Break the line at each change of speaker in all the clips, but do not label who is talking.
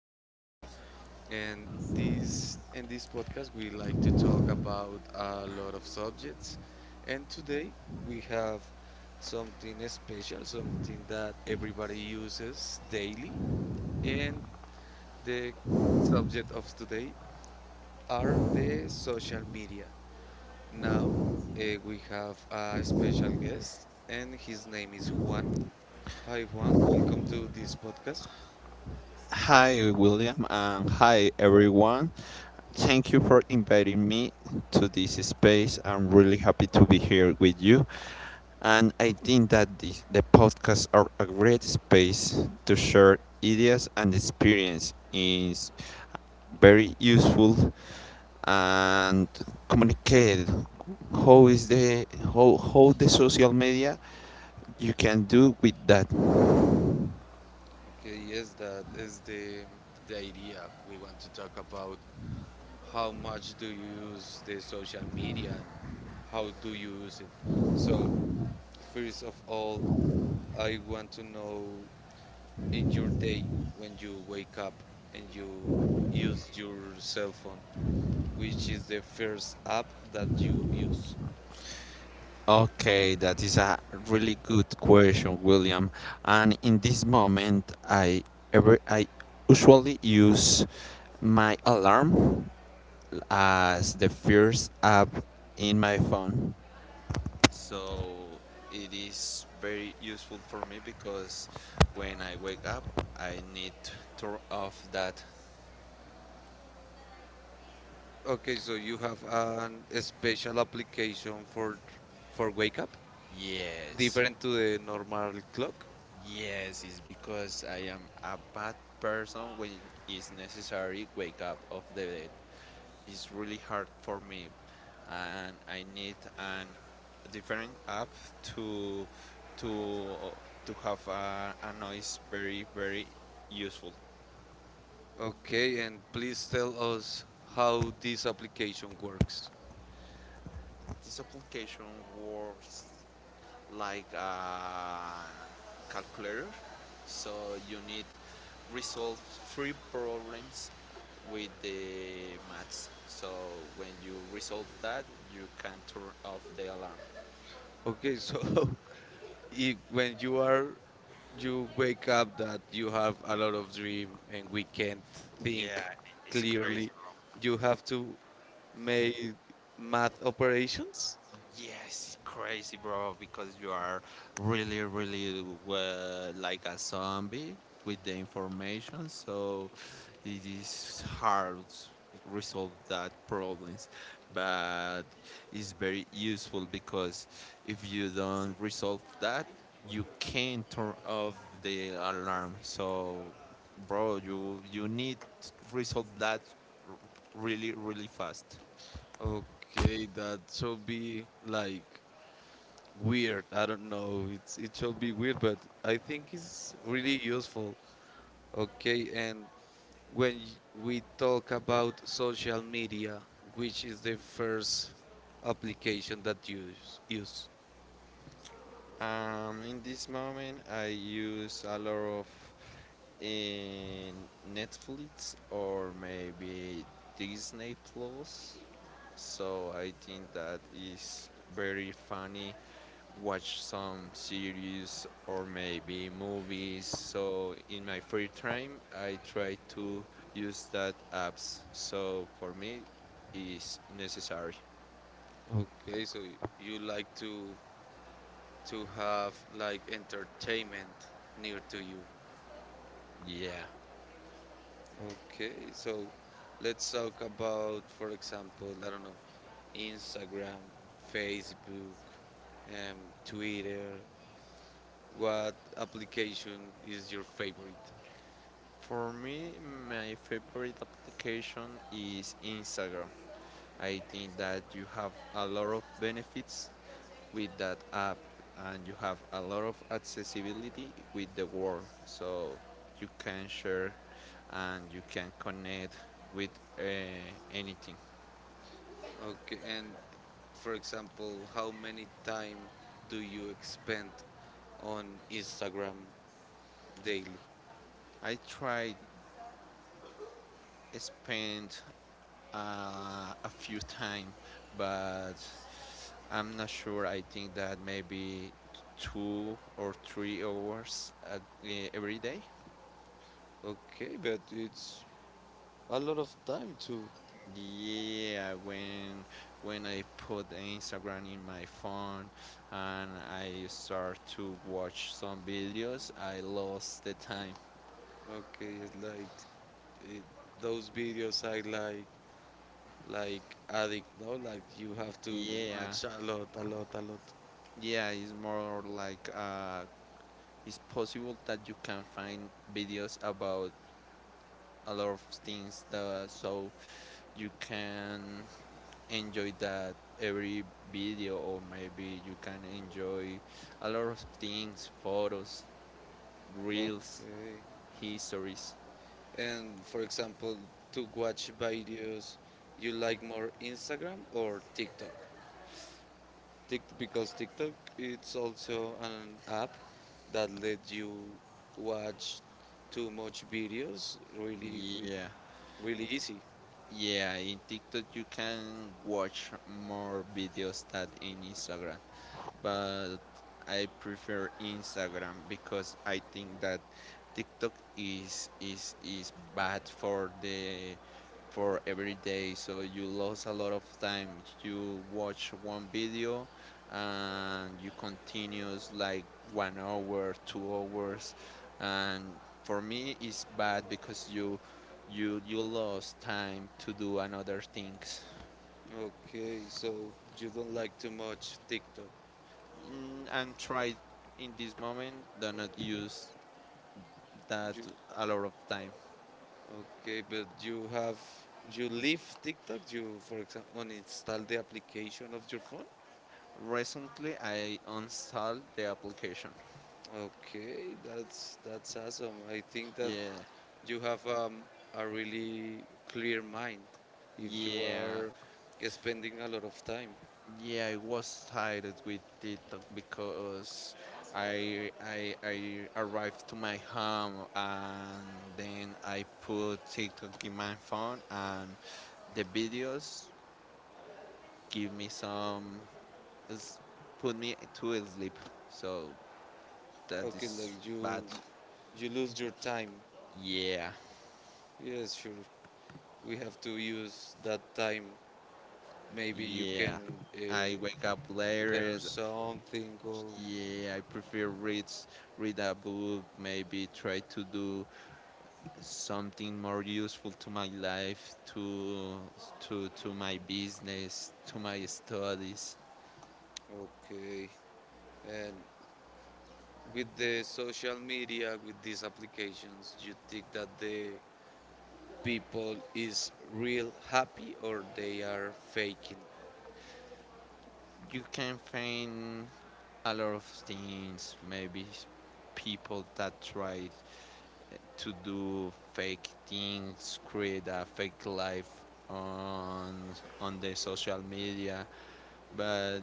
podcast. And this in this podcast, we like to talk about a lot of subjects. And today we have something special, something that everybody uses daily. And the subject of today are the social media. Now we have a special guest, and his name is Juan. Hi, Juan. Welcome to this podcast.
Hi, William, and hi, everyone. Thank you for inviting me to this space. I'm really happy to be here with you. And I think that the podcasts are a great space to share ideas and experience. Is very useful and communicate how is the how the social media you can do with that.
Okay, yes, that is the idea. We want to talk about how much do you use the social media and how do you use it. So, first of all, I want to know in your day when you wake up and you use your cell phone, which is the first app that you use.
Okay, that is a really good question, William. And in this moment, I usually use my alarm as the first app in my phone. So it is very useful for me because when I wake up, I need to turn off that.
Okay, so you have an a special application for wake up,
Yes,
different to the normal clock.
yes, it's because I am a bad person when it's necessary wake up of the is really hard for me, and I need an different app to to to have a noise very very useful.
Okay, and please tell us how this application works.
This application works like a calculator, so you need resolve three problems with the maths. So when you resolve that, you can turn off the alarm.
Okay, so if, when you are you wake up that you have a lot of dream and we can't think
Yeah, it's crazy.
clearly, you have to make math operations.
Yes, crazy, bro, because you are really, really like a zombie with the information, so it is hard to resolve that problems. But it's very useful because if you don't resolve that, you can turn off the alarm. So, bro, you need to resolve that r- really, really fast.
Okay, that should be like weird. I don't know. It should be weird, but I think it's really useful. Okay, and when we talk about social media, which is the first application that use?
In this moment, I use a lot of in Netflix or maybe Disney Plus. So I think that is very funny. Watch some series or maybe movies. So in my free time, I try to use that apps. So for me, is necessary.
Okay, so you like to have like entertainment near to you.
Yeah.
Okay, so let's talk about, for example, I don't know, Instagram, Facebook, um, Twitter. What application is your favorite?
For me, my favorite application is Instagram. I think that you have a lot of benefits with that app and you have a lot of accessibility with the world. So you can share and you can connect with uh, anything.
Okay, and for example, how many time do you expend on Instagram daily?
I tried spend a few times, but I'm not sure. I think that maybe 2 or 3 hours every day.
Okay, but it's a lot of time too.
Yeah, when I put Instagram in my phone and I start to watch some videos, I lost the time.
Okay, it's like it, those videos I like addict. No, like you have to
Yeah,
watch a lot, a lot, a lot.
yeah, it's more like it's possible that you can find videos about a lot of things that so you can enjoy that every video or maybe you can enjoy a lot of things, photos, reels,
Okay.
histories.
And for example, to watch videos, you like more Instagram or TikTok? Because TikTok it's also an app that lets you watch too much videos really with
Yeah,
really easy.
yeah. In TikTok you can watch more videos than in Instagram, but I prefer Instagram because I think that TikTok is bad for the for every day. So you lose a lot of time. You watch one video and you continues like 1 hour, 2 hours, and for me it's bad because you you lost time to do another things.
Okay, so you don't like too much TikTok.
Mm, and try in this moment do not use that
You,
a lot of time.
okay, but you have you leave TikTok. You for example uninstall the application of your phone.
Recently, I uninstalled the application.
Okay, that's awesome. I think that
Yeah,
you have a really clear mind if you
yeah,
are spending a lot of time.
yeah. I was tired with TikTok because I arrived to my home and then I put TikTok in my phone and the videos give me some s- put me to sleep. So that
Okay,
is
like
bad.
you lose your time.
Yeah,
Yes, sure. We have to use that time. Maybe you
yeah.
can uh,
I wake up later.
learn something or
Yeah, I prefer read read a book, maybe try to do something more useful to my life, to my business, to my studies.
okay. And with the social media, with these applications, you think that the people is real happy or they are faking?
You can find a lot of things, maybe people that try to do fake things, create a fake life on on the social media, but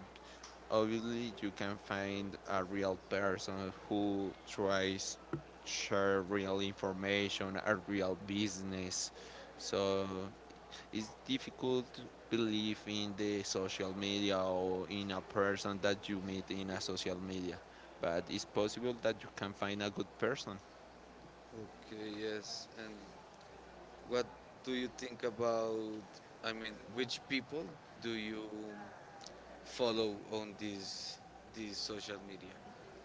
obviously you can find a real person who tries to share real information, a real business. So it's difficult to believe in the social media or in a person that you meet in a social media, but it's possible that you can find a good person.
Okay, yes. And what do you think about? I mean, which people do you follow on these social media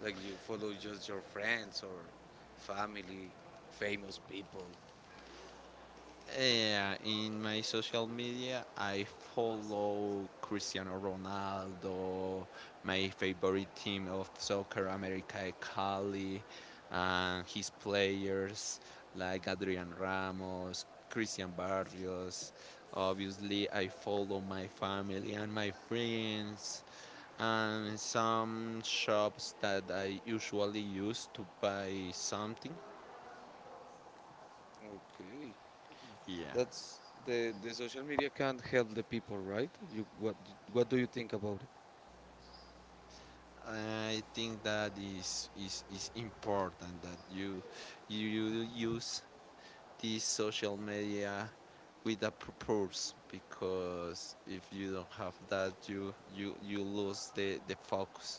like you follow just your friends or family famous people
Yeah, in my social media, I follow Cristiano Ronaldo, my favorite team of soccer, America e Cali, and his players like Adrian Ramos, Christian Barrios. Obviously, I follow my family and my friends, and some shops that I usually use to buy something.
okay,
Yeah.
that's the social media can't help the people, right? You, what do you think about it?
I think that is important that you, you use this social media with a purpose, because if you don't have that, you lose the focus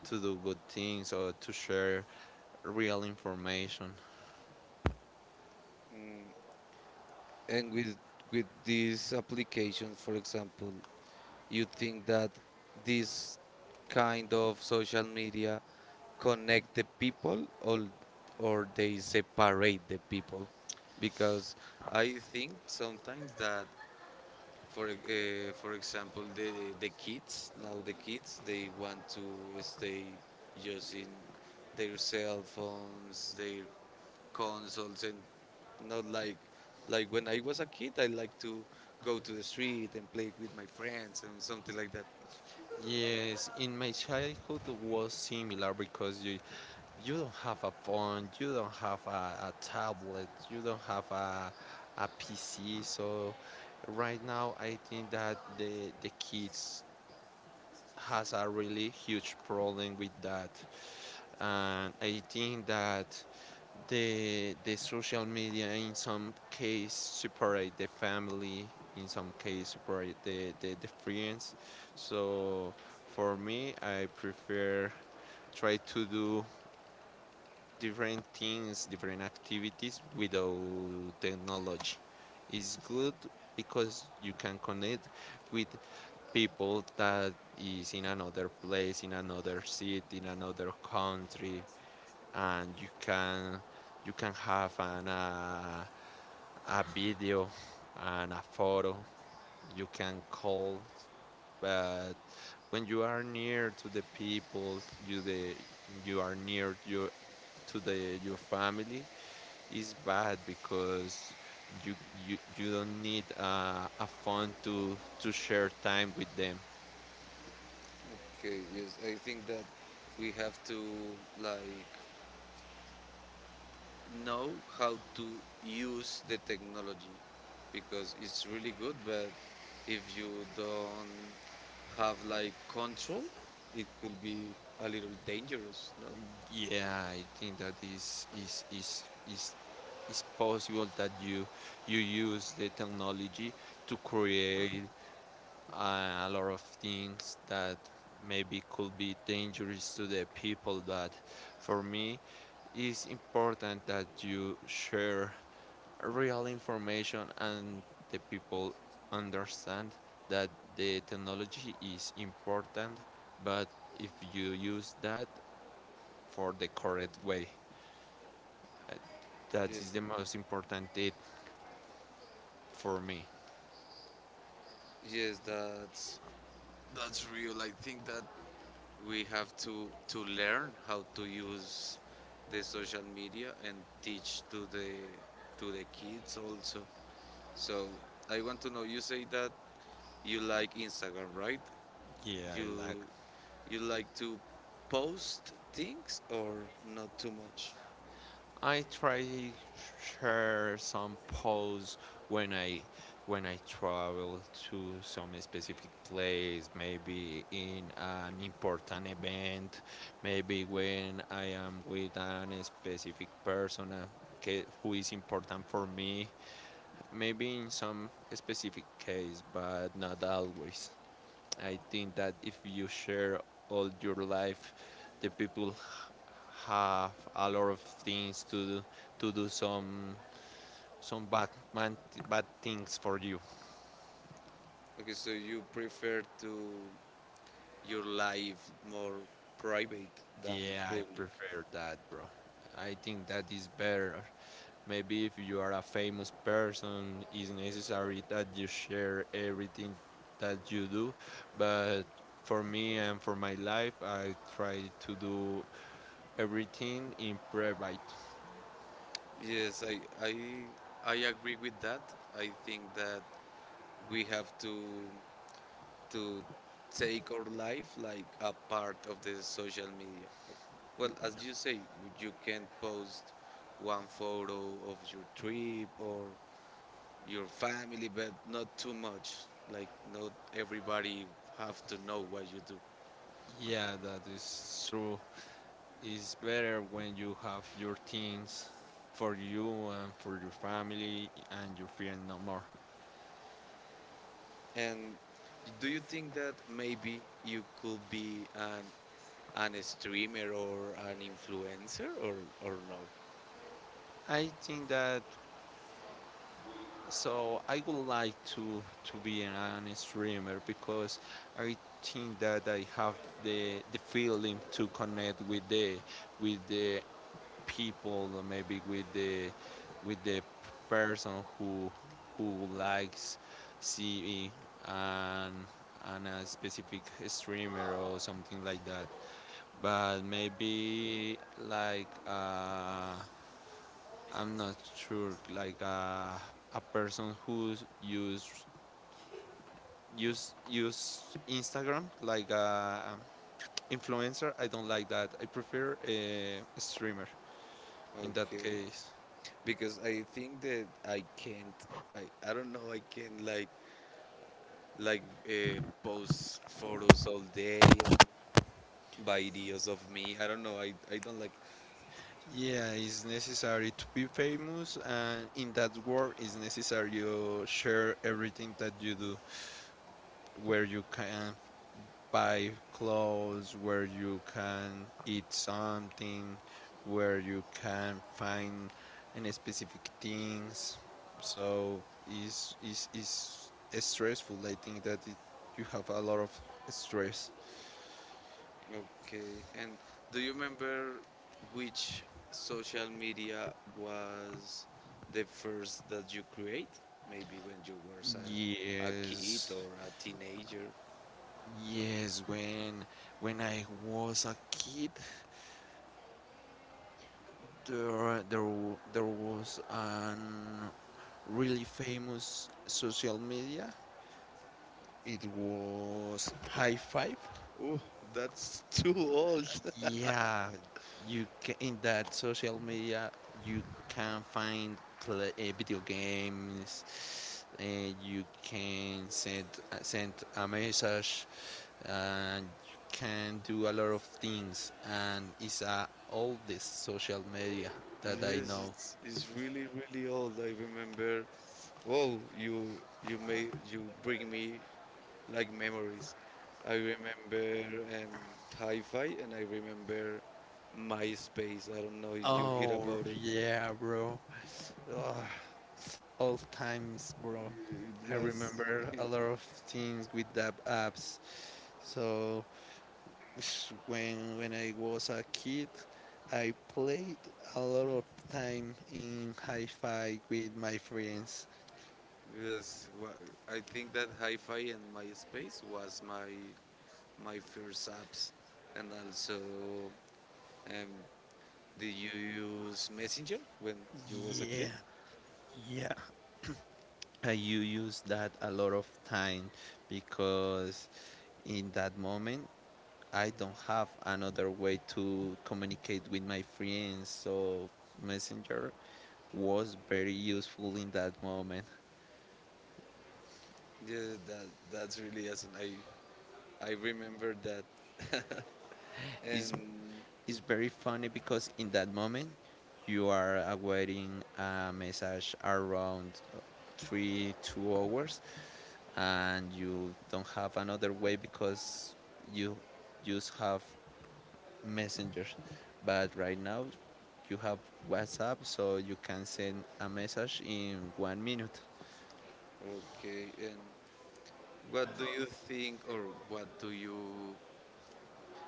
to do good things or to share real information.
Mm, and with these applications, for example, you think that this kind of social media connect the people or they separate the people because I think sometimes that for example the kids, now the kids they want to stay using their cell phones, their consoles and not like like when I was a kid I like to go to the street and play with my friends and something like that.
Yes, in my childhood was similar because you don't have a phone, you don't have a tablet, you don't have a PC. So right now, I think that the kids has a really huge problem with that, and I think that the social media in some case separate the family, in some case separate the friends. So for me, I prefer try to do different things, different activities without technology. It's good because you can connect with people that is in another place, in another city, in another country, and you can have an a video and a photo. You can call, but when you are near to the people, you the you are near your to the your family it's bad because you you don't need a phone to share time with them.
Okay, yes, I think that we have to like know how to use the technology because it's really good but if you don't have like control it could be a little dangerous, no?
Yeah, I think that is is possible that you use the technology to create a lot of things that maybe could be dangerous to the people. But for me, it's important that you share real information and the people understand that the technology is important, but if you use that for the correct way, that
Yes,
is the most important tip for me.
yes, that's real. I think that we have to learn how to use the social media and teach to the kids also. So I want to know you say that you like Instagram right?
Yeah, I like.
you You like to post things or not too much?
I try share some posts when I when I travel to some specific place, maybe in an important event, maybe when I am with an specific person who is important for me, maybe in some specific case, but not always. I think that if you share all your life, the people have a lot of things to do some bad man, bad things for you.
Okay, so you prefer to your life more private than
Yeah, I
public.
prefer that, bro. I think that is better. Maybe if you are a famous person, it's necessary that you share everything that you do. But for me and for my life, I try to do everything in private.
Yes, I I agree with that. I think that we have to to take our life like a part of the social media. Well, as you say, you can post one photo of your trip or your family, but not too much. Like not everybody have to know what you do.
Yeah, that is true. It's better when you have your things for you and for your family and your friend no more.
And do you think that maybe you could be an streamer or an influencer or no?
I think that so I would like to be an streamer because I think that I have the feeling to connect with the people or maybe with the person who likes seeing and an a specific streamer or something like that, but maybe like I'm not sure like a person who use use Instagram like a influencer. I don't like that. I prefer a streamer in that
Okay,
case.
because I think that I can't. I don't know. I can like like post photos all day, videos of me. I don't know. I don't like
Yeah, it's necessary to be famous, and in that world, it's necessary you share everything that you do, where you can buy clothes, where you can eat something, where you can find any specific things. So it's stressful. I think that it, you have a lot of stress.
okay, and do you remember which social media was the first that you create? Maybe when you were a kid
Yes,
or a teenager.
yes. When I was a kid. there there there was a really famous social media. It was High Five.
Oh, that's too old.
Yeah, you can, in that social media you can find play, video games. You can send send a message, and you can do a lot of things. And it's all this social media that I
Yes,
know.
it's really really old. I remember. Whoa, you made you bring me like memories. I remember um, hi-fi and I remember MySpace. I don't know if you hear
Oh
about it.
yeah, bro. Ugh, old times, bro.
It
I
was
remember a lot of things with the apps. So when I was a kid, I played a lot of time in hi-fi with my friends.
yes. I think that Hi-Fi and MySpace was my my first apps, and also um, did you use Messenger when you was a kid?
Yeah, yeah. Use that a lot of time because in that moment I don't have another way to communicate with my friends. So Messenger was very useful in that moment.
Yeah, that that's really awesome. I remember that.
It's,
And
it's very funny because in that moment you are awaiting a message around three, 2 hours and you don't have another way because you just have messengers. But right now you have WhatsApp so you can send a message in 1 minute.
okay, and what do you think, or what do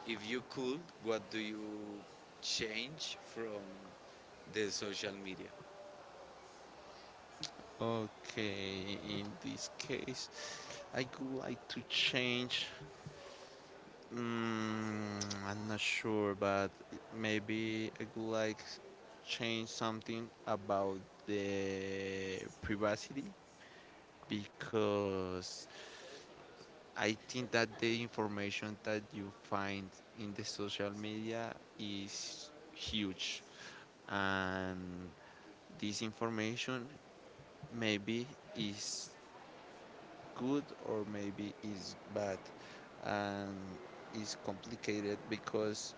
if you could, what do you change from the social media?
Okay, in this case, I would like to change. Mm, I'm not sure, but maybe I would like change something about the privacy because I think that the information that you find in the social media is huge, and this information maybe is good or maybe is bad, and is complicated because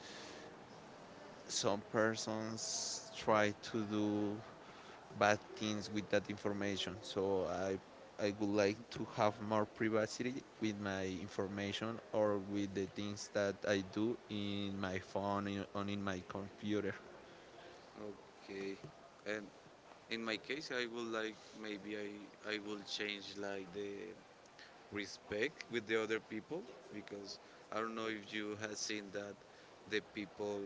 some persons try to do bad things with that information. So I would like to have more privacy with my information or with the things that I do in my phone or in my computer.
Okay. And in my case, I would like maybe I will change like the respect with the other people because I don't know if you have seen that the people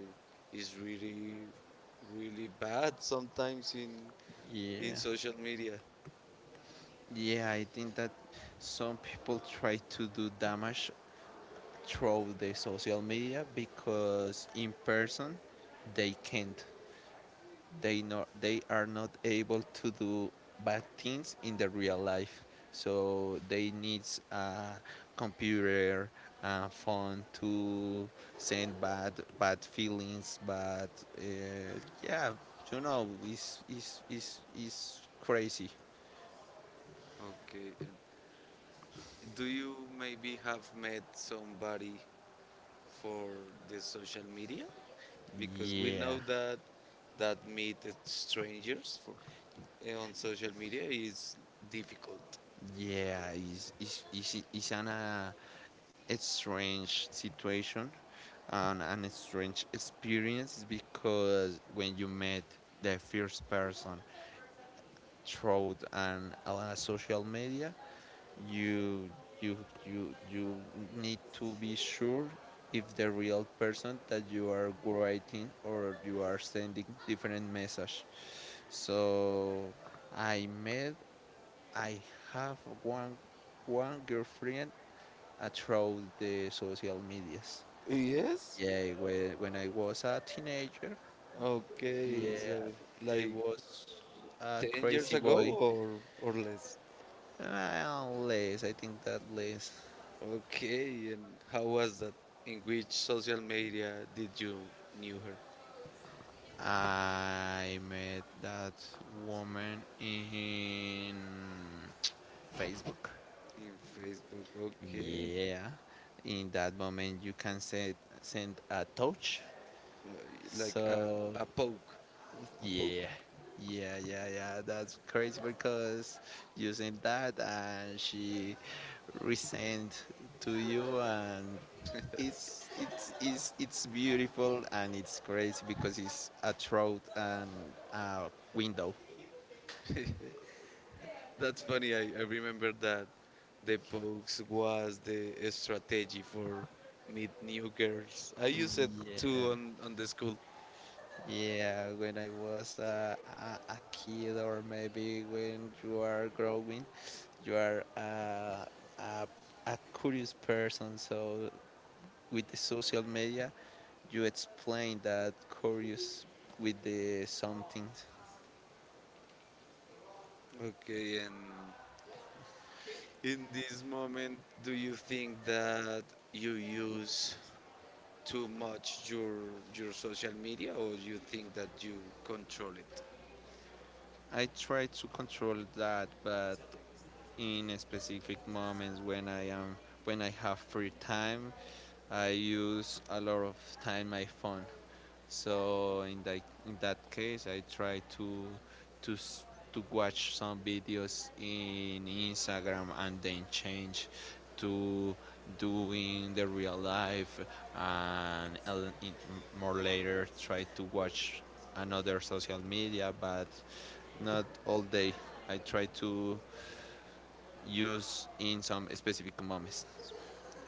is really really bad sometimes in
Yeah.
social media.
Yeah, I think that some people try to do damage through the social media because in person they can't. They not they are not able to do bad things in the real life so they needs a computer a phone to send bad feelings but uh, yeah it's is crazy.
Okay. And do you maybe have met somebody for the social media? Because we
yeah
know that that meet strangers on social media is difficult.
it's an a strange situation and an strange experience because when you met the first person through an a social media, you you you you need to be sure if the real person that you are writing or you are sending different message. So I met I have one one girlfriend through the social medias.
Yes?
Yeah, when I was a teenager,
Okay,
yeah,
so
it
like
was a
10
crazy
years ago
boy.
or less.
Well, less, I think that less.
Okay, and how was that? In which social media did you knew her?
I met that woman in Facebook.
In Facebook. Okay.
Yeah, in that moment you can send a touch.
Like
So
a poke. A
yeah,
poke?
yeah. That's crazy because using that and she resent to you and it's beautiful and it's crazy because it's a throat and a window.
That's funny. I remember that the pokes was the strategy for meet new girls. I used it
Yeah,
too on the school.
yeah. When I was a kid, or maybe when you are growing, you are a a curious person. So with the social media, you explain that curious with the something.
Okay, and in this moment, do you think that you use too much your social media, or you think that you control it?
I try to control that, but in specific moments when I am when I have free time. I use a lot of time my phone. So in that case, I try to to s- to watch some videos in Instagram and then change to doing the real life and more later try to watch another social media, but not all day. I try to used in some specific moments.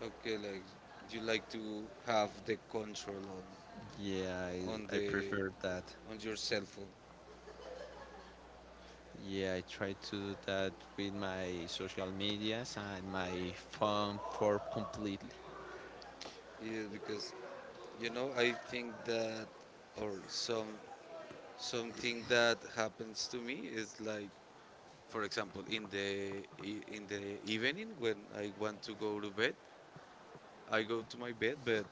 Okay, like you like to have the control
Yeah,
on
I
the
prefer that.
on your cell phone.
Yeah, I try to do that with my social medias and my phone for completely.
Yeah, because you know I think that or some something that happens to me is like for example in in the evening when I want to go to bed, I go to my bed, but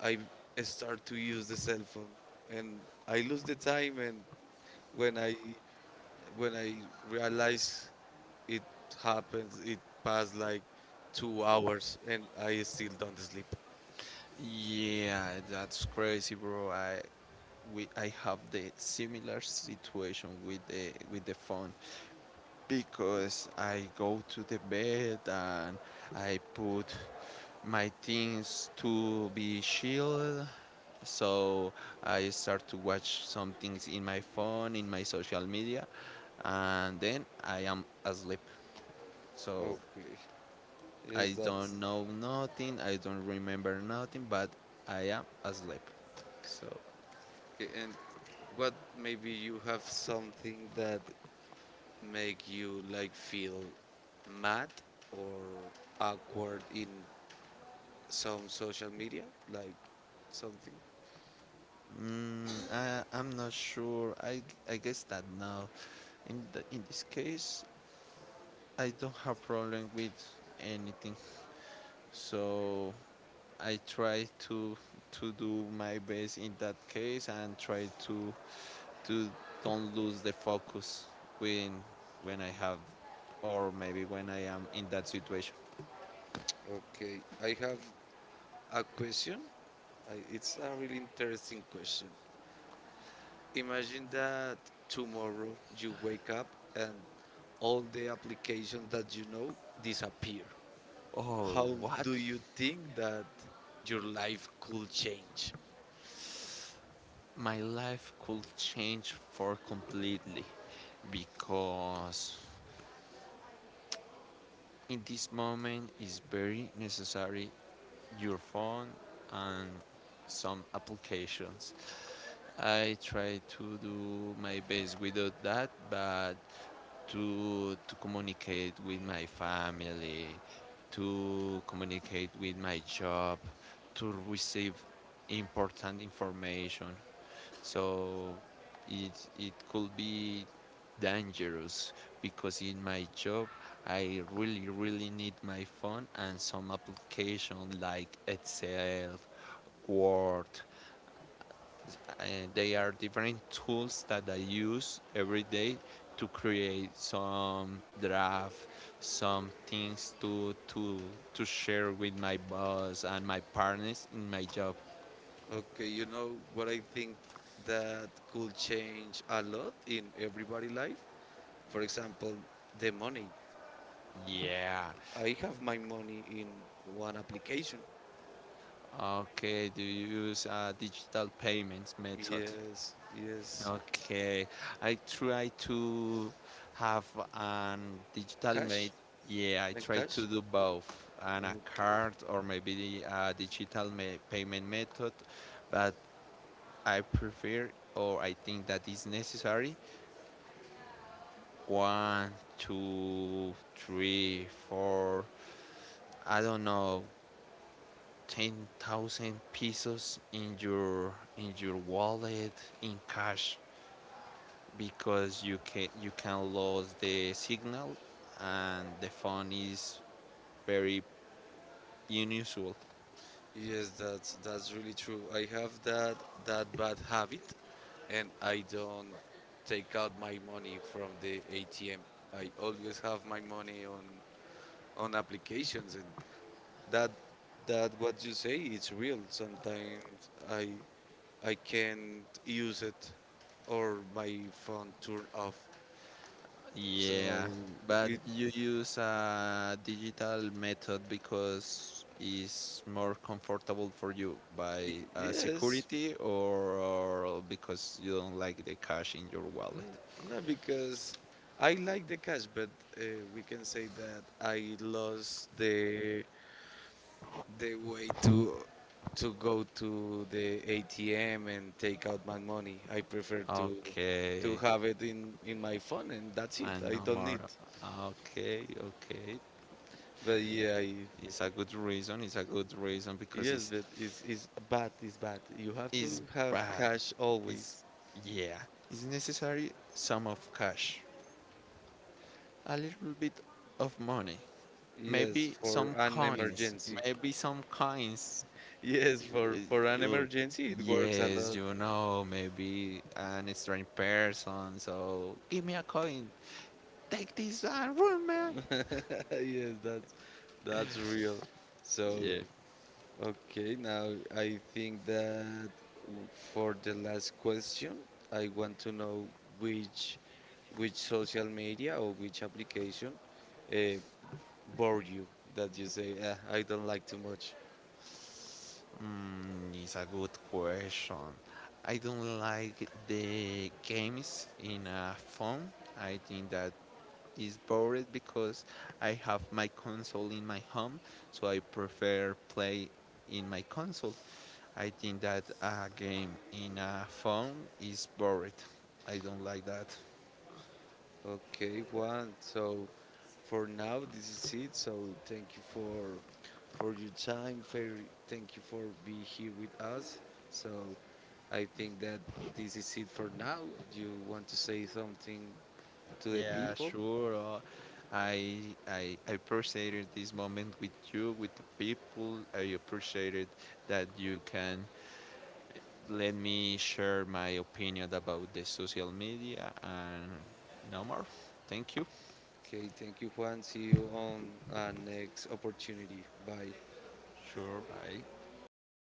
I start to use the cell phone and I lose the time and when I when I realize it happens it passed like 2 hours and I still don't sleep.
Yeah, that's crazy, bro. I have the similar situation with the phone because I go to the bed and I put my things to be chilled. So I start to watch some things in my phone, in my social media, and then I am asleep. So
Okay.
I
Yes
don't
that's
know nothing, I don't remember nothing, but I am asleep. So
okay, and what maybe you have something that make you like feel mad or awkward in some social media like something?
mm, I'm not sure. I guess that now in in this case I don't have problem with anything. So I try to do my best in that case and try to don't lose the focus when when I have or maybe when I am in that situation.
Okay. I have a question it's a really interesting question. Imagine that tomorrow you wake up and all the applications that you know disappear.
Oh,
How
what?
do you think that your life could change?
My life could change for completely because in this moment is very necessary your phone and some applications. I try to do my best without that, but to communicate with my family, to communicate with my job, to receive important information. So it could be dangerous because in my job I really really need my phone and some application like Excel, Word, and they are different tools that I use every day to create some draft, some things to share with my boss and my partners in my job.
Okay, you know what I think that could change a lot in everybody life? For example, the money.
Yeah.
I have my money in one application.
Okay. Do you use a digital payments method?
Yes, yes.
Okay, I try to have an digital mate.
Cash
Yeah, I try
and
to
cash.
do both, and a card
Okay.
or maybe a digital ma- payment method, but I prefer or I think that is necessary one, two, three, four, I don't know, 10,000 pesos in your wallet in cash. Because you can lose the signal and the phone is very unusual.
Yes, that's really true. I have that that bad habit, and I don't take out my money from the ATM. I always have my money on applications, and that that what you say it's real. Sometimes I can't use it or my phone turn off.
Yeah,
So
but
it,
you use a digital method because it's more comfortable for you
it
by
yes,
security or because you don't like the cash in your wallet.
N- no, because I like the cash, but uh, we can say that I lost the way to go to the ATM and take out my money. I prefer
Okay,
to have it in my phone, and that's it.
and no
I don't
more.
need.
Okay, okay.
But yeah,
It's a good reason. It's a good reason because it's
yes, but it's bad. It's bad. You have
is
to have
bad.
cash
It's
always.
yeah. It's necessary some of cash, a little bit of money, maybe
Yes,
some
for an
coins,
emergency.
maybe some coins.
Yes, for an
You,
emergency, it works a
yes,
lot.
you know, maybe an strange person. So give me a coin. Take this and run, man.
Yes, that's real.
Yeah,
So, okay, now I think that for the last question, I want to know which which social media or which application uh, bore you that you say, "Ah, I don't like too much.
mm, it's a good question. I don't like the games in a phone. I think that is bored because I have my console in my home, so I prefer play in my console. I think that a game in a phone is bored. I don't like that.
Okay, Juan. So for now, this is it. So thank you for your time. Thank you for being here with us. So I think that this is it for now. You want to say something to the
Yeah,
people?
sure. I I I appreciated this moment with you, with the people. I appreciated that you can let me share my opinion about the social media and no more. Thank you.
Okay, thank you, Juan. See you on our next opportunity. Bye.
Sure, bye.